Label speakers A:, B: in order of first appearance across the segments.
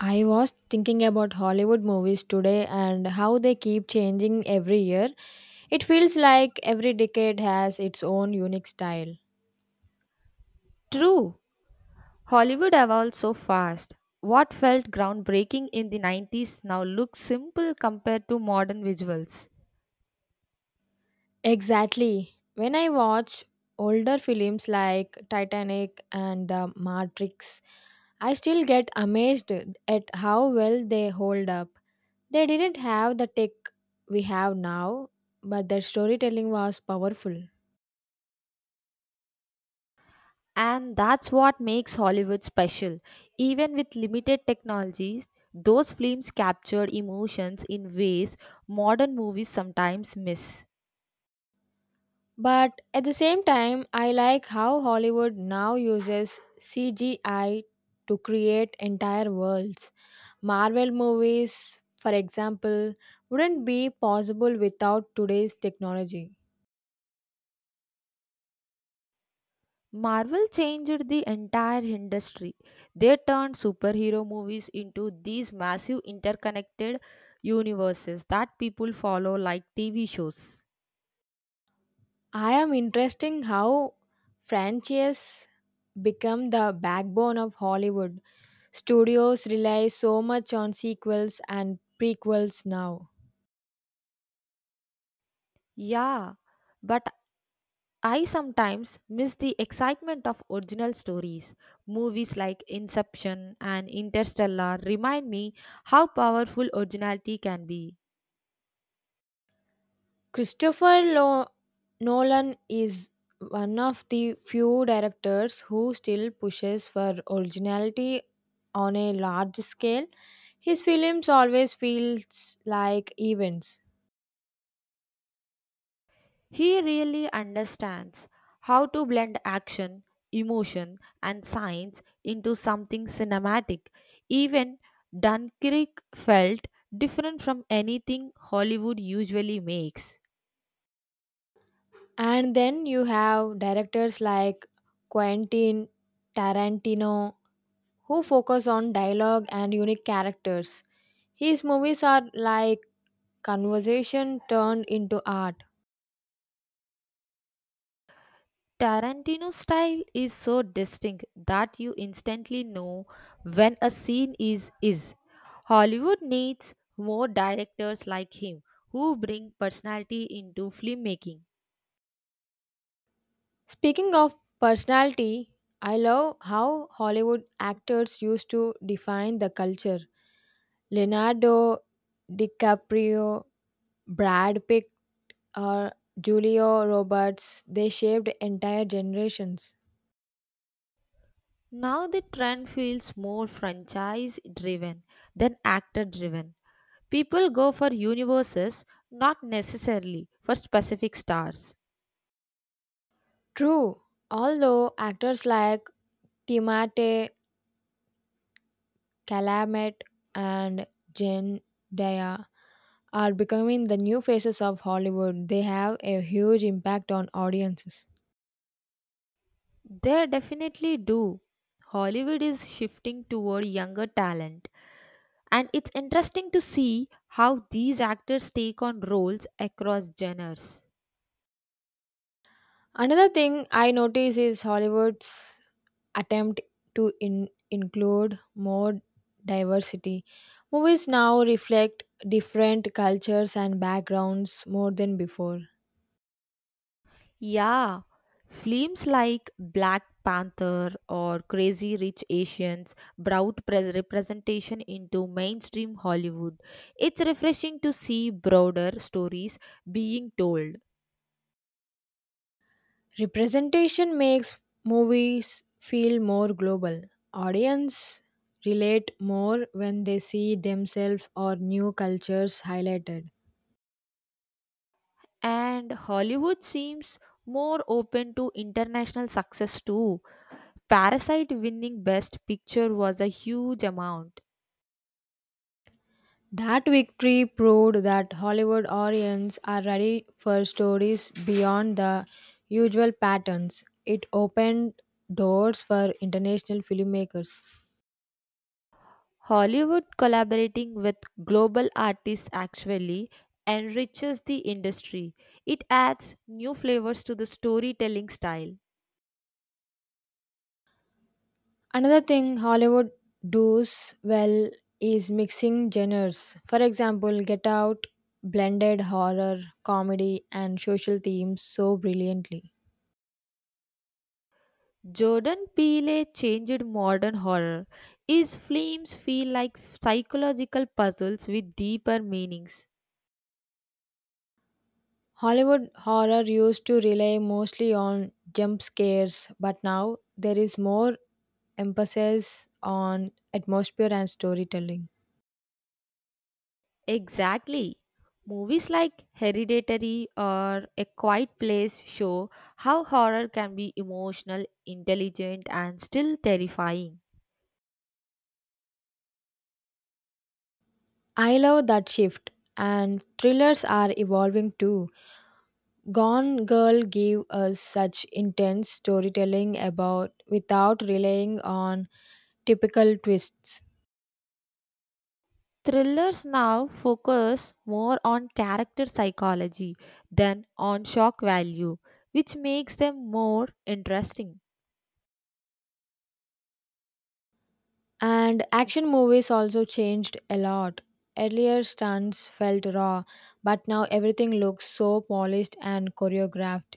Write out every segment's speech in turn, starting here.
A: I was thinking about Hollywood movies today and how they keep changing every year. It feels like every decade has its own unique style.
B: True, Hollywood evolved so fast. What felt groundbreaking in the 90s now looks simple compared to modern visuals.
A: Exactly. When I watch older films like Titanic and The Matrix, I still get amazed at how well they hold up. They didn't have the tech we have now, but their storytelling was powerful.
B: And that's what makes Hollywood special. Even with limited technologies, those films captured emotions in ways modern movies sometimes miss.
A: But at the same time, I like how Hollywood now uses CGI to create entire worlds. Marvel movies, for example, wouldn't be possible without today's technology.
B: Marvel changed the entire industry. They turned superhero movies into these massive interconnected universes that people follow like TV shows.
A: I am interesting how franchises become the backbone of Hollywood. Studios rely so much on sequels and prequels now.
B: Yeah, but I sometimes miss the excitement of original stories. Movies like Inception and Interstellar remind me how powerful originality can be.
A: Christopher Lo- Nolan is one of the few directors who still pushes for originality on a large scale. His films always feels like events.
B: He really understands how to blend action, emotion, and science into something cinematic. Even Dunkirk felt different from anything Hollywood usually makes.
A: And then you have directors like Quentin Tarantino who focus on dialogue and unique characters. His movies are like conversation turned into art.
B: Tarantino's style is so distinct that you instantly know when a scene is. Hollywood needs more directors like him who bring personality into filmmaking.
A: Speaking of personality, I love how Hollywood actors used to define the culture. Leonardo DiCaprio, Brad Pitt, or Julio Roberts, they shaped entire generations.
B: Now the trend feels more franchise driven than actor driven. People go for universes, not necessarily for specific stars.
A: True, although actors like Timate Chalamet and Zendaya are becoming the new faces of Hollywood, they have a huge impact on audiences.
B: They definitely do. Hollywood is shifting toward younger talent, and it's interesting to see how these actors take on roles across genres.
A: Another thing I notice is Hollywood's attempt to include more diversity. Movies now reflect different cultures and backgrounds more than before.
B: Yeah, films like Black Panther or Crazy Rich Asians brought representation into mainstream Hollywood. It's refreshing to see broader stories being told.
A: Representation makes movies feel more global. Audience relate more when they see themselves or new cultures highlighted.
B: And Hollywood seems more open to international success too. Parasite winning Best Picture was a huge amount.
A: That victory proved that Hollywood audiences are ready for stories beyond the usual patterns. It opened doors for international filmmakers.
B: Hollywood collaborating with global artists actually enriches the industry. It adds new flavors to the storytelling style.
A: Another thing Hollywood does well is mixing genres. For example, Get Out blended horror, comedy, and social themes so brilliantly.
B: Jordan Peele changed modern horror. His films feel like psychological puzzles with deeper meanings.
A: Hollywood horror used to rely mostly on jump scares, but now there is more emphasis on atmosphere and storytelling.
B: Exactly. Movies like Hereditary or A Quiet Place show how horror can be emotional, intelligent, and still terrifying.
A: I love that shift, and thrillers are evolving too. Gone Girl gave us such intense storytelling about without relying on typical twists.
B: Thrillers now focus more on character psychology than on shock value, which makes them more interesting.
A: And action movies also changed a lot. Earlier stunts felt raw, but now everything looks so polished and choreographed.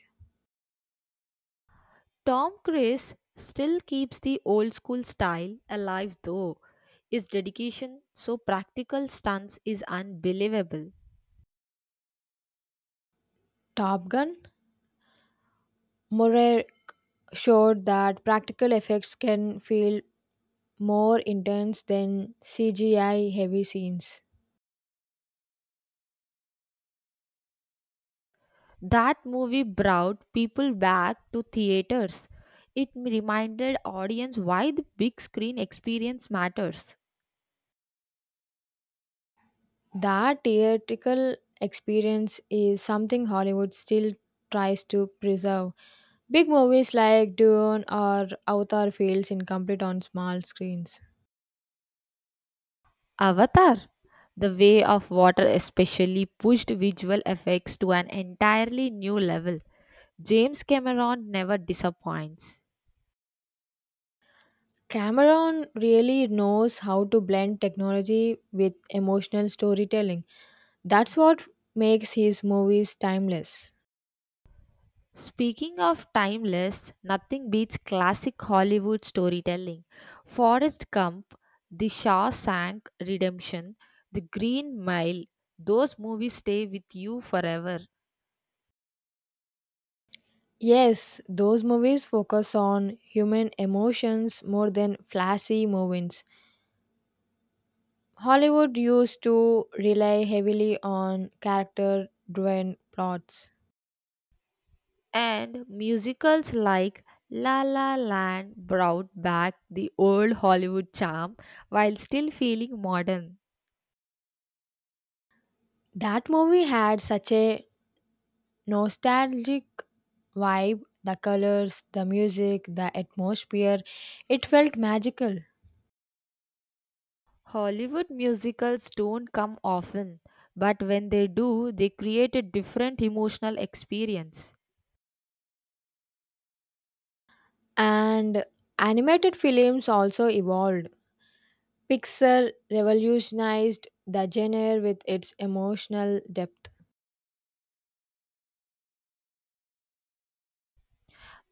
B: Tom Cruise still keeps the old school style alive though. His dedication, so practical stunts is unbelievable.
A: Top Gun? More showed that practical effects can feel more intense than CGI heavy scenes.
B: That movie brought people back to theaters. It reminded audience why the big screen experience matters.
A: That theatrical experience is something Hollywood still tries to preserve. Big movies like Dune or Avatar feels incomplete on small screens.
B: Avatar The Way of Water especially pushed visual effects to an entirely new level. James Cameron never disappoints.
A: Cameron really knows how to blend technology with emotional storytelling. That's what makes his movies timeless.
B: Speaking of timeless, nothing beats classic Hollywood storytelling. Forrest Gump, The Shawshank Redemption, The Green Mile, those movies stay with you forever.
A: Yes, those movies focus on human emotions more than flashy moments. Hollywood used to rely heavily on character driven plots.
B: And musicals like La La Land brought back the old Hollywood charm while still feeling modern.
A: That movie had such a nostalgic vibe the colors, the music, the atmosphere. It felt magical.
B: Hollywood musicals don't come often, but when they do, they create a different emotional experience.
A: And animated films also evolved. Pixar revolutionized the genre with its emotional depth.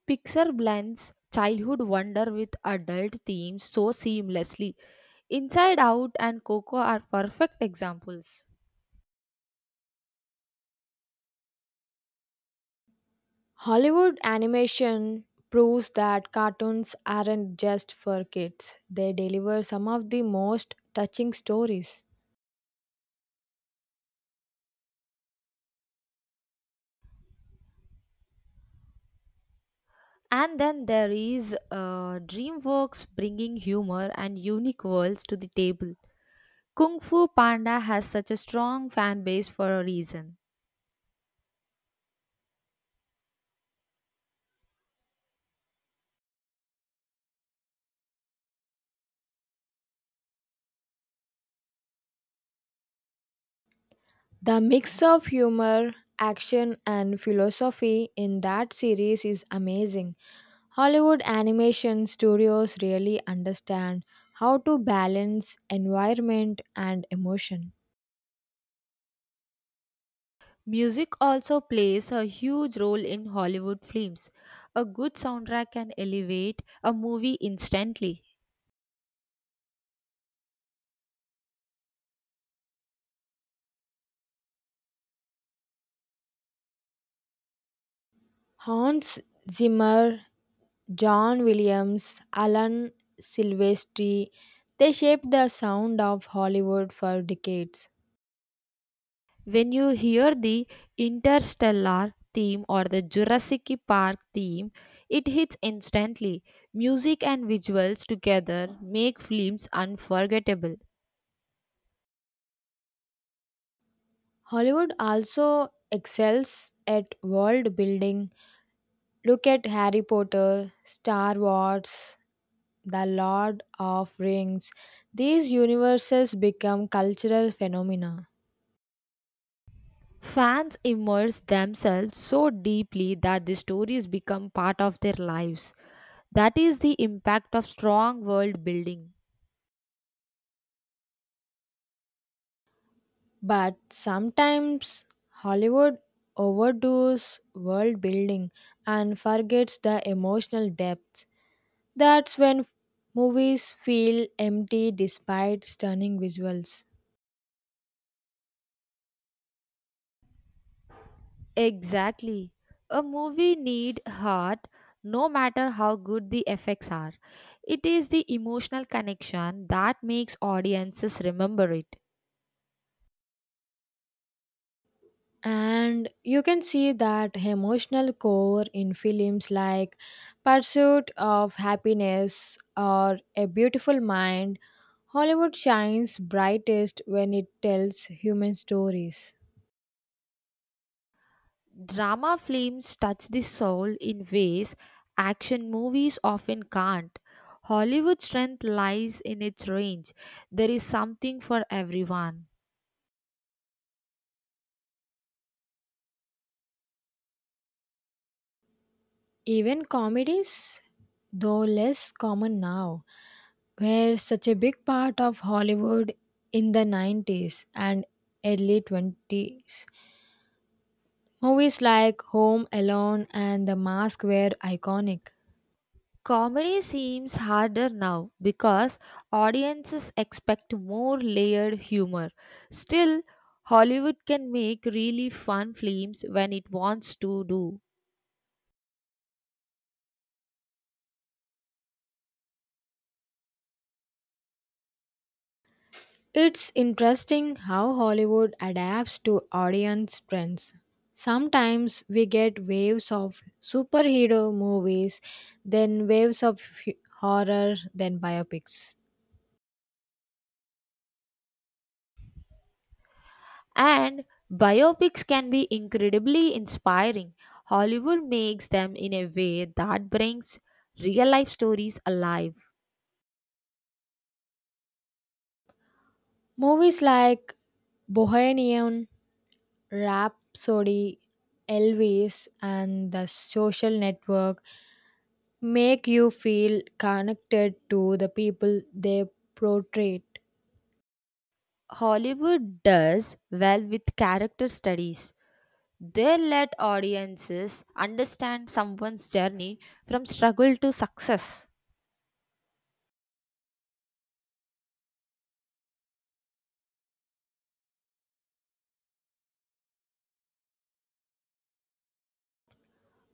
B: Pixar blends childhood wonder with adult themes so seamlessly. Inside Out and Coco are perfect examples.
A: Hollywood animation proves that cartoons aren't just for kids, they deliver some of the most touching stories.
B: And then there is DreamWorks bringing humor and unique worlds to the table. Kung Fu Panda has such a strong fan base for a reason.
A: The mix of humor, action, and philosophy in that series is amazing. Hollywood animation studios really understand how to balance environment and emotion.
B: Music also plays a huge role in Hollywood films. A good soundtrack can elevate a movie instantly.
A: Hans Zimmer, John Williams, Alan Silvestri, they shaped the sound of Hollywood for decades.
B: When you hear the Interstellar theme or the Jurassic Park theme, it hits instantly. Music and visuals together make films unforgettable.
A: Hollywood also excels at world building. Look at Harry Potter, Star Wars, The Lord of Rings. These universes become cultural phenomena.
B: Fans immerse themselves so deeply that the stories become part of their lives. That is the impact of strong world building.
A: But sometimes Hollywood overdoes world building and forgets the emotional depth. That's when movies feel empty despite stunning visuals.
B: Exactly. A movie need heart no matter how good the effects are. It is the emotional connection that makes audiences remember it.
A: And you can see that emotional core in films like Pursuit of Happiness or A Beautiful Mind. Hollywood shines brightest when it tells human stories.
B: Drama films touch the soul in ways action movies often can't. Hollywood's strength lies in its range. There is something for everyone.
A: Even comedies, though less common now, were such a big part of Hollywood in the 90s and early 20s. Movies like Home Alone and The Mask were iconic.
B: Comedy seems harder now because audiences expect more layered humor. Still, Hollywood can make really fun films when it wants to do.
A: It's interesting how Hollywood adapts to audience trends. Sometimes we get waves of superhero movies, then waves of horror, then biopics.
B: And biopics can be incredibly inspiring. Hollywood makes them in a way that brings real life stories alive.
A: Movies like Bohemian Rhapsody, Elvis, and The Social Network make you feel connected to the people they portray.
B: Hollywood does well with character studies. They let audiences understand someone's journey from struggle to success.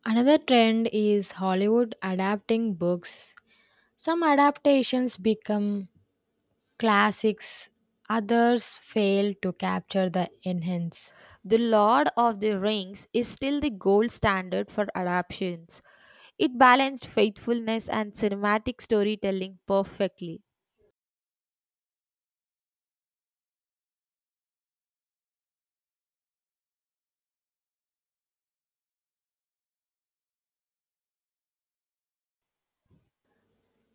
A: Another trend is Hollywood adapting books. Some adaptations become classics, others fail to capture the enhance.
B: The Lord of the Rings is still the gold standard for adaptations. It balanced faithfulness and cinematic storytelling perfectly.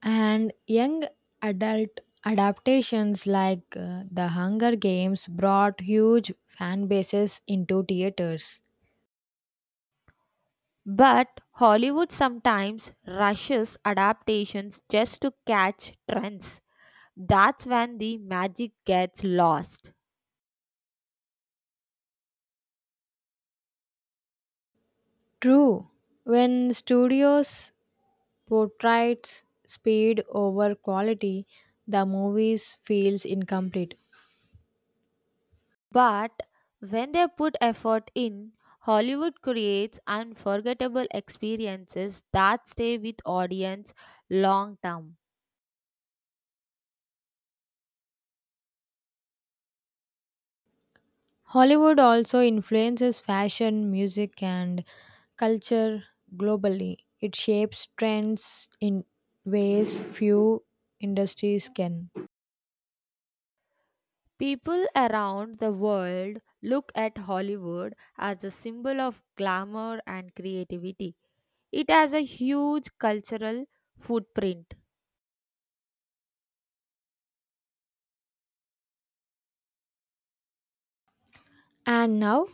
A: And young adult adaptations like The Hunger Games brought huge fan bases into theaters.
B: But Hollywood sometimes rushes adaptations just to catch trends. That's when the magic gets lost.
A: True, when studios portrayed speed over quality, the movies feels incomplete.
B: But when they put effort in, Hollywood creates unforgettable experiences that stay with audience long term.
A: Hollywood also influences fashion, music, and culture globally. It shapes trends in ways few industries can.
B: People around the world look at Hollywood as a symbol of glamour and creativity. It has a huge cultural footprint.
A: And now,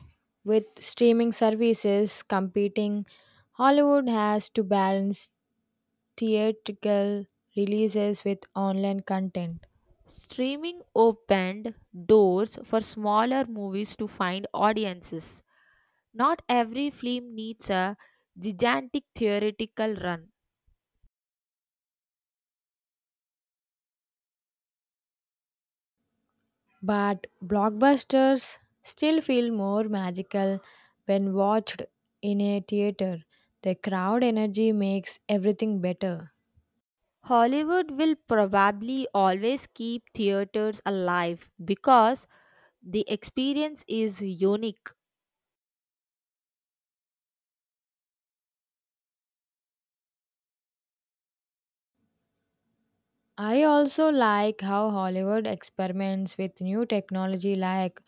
A: with streaming services competing, Hollywood has to balance theatrical releases with online content.
B: Streaming opened doors for smaller movies to find audiences. Not every film needs a gigantic theatrical run.
A: But blockbusters still feel more magical when watched in a theater. The crowd energy makes everything better.
B: Hollywood will probably always keep theaters alive because the experience is unique.
A: I also like how Hollywood experiments with new technology like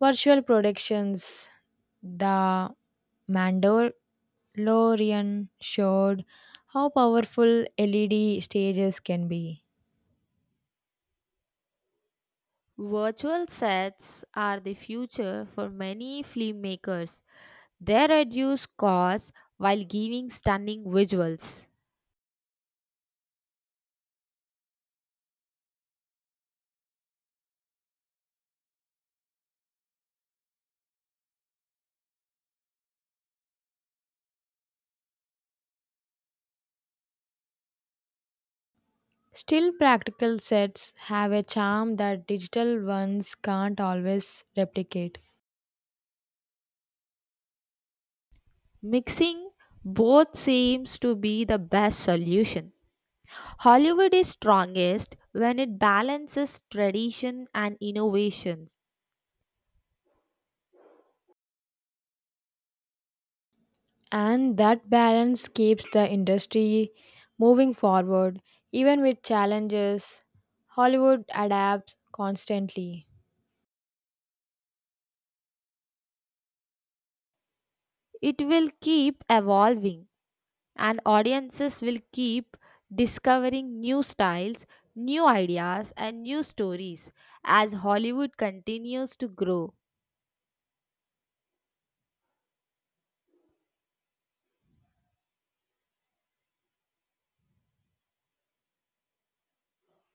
A: virtual productions. The Mandalorian showed how powerful LED stages can be.
B: Virtual sets are the future for many filmmakers. They reduce costs while giving stunning visuals.
A: Still, practical sets have a charm that digital ones can't always replicate.
B: Mixing both seems to be the best solution. Hollywood is strongest when it balances tradition and innovations.
A: And that balance keeps the industry moving forward, even with challenges. Hollywood adapts constantly.
B: It will keep evolving, and audiences will keep discovering new styles, new ideas, and new stories as Hollywood continues to grow.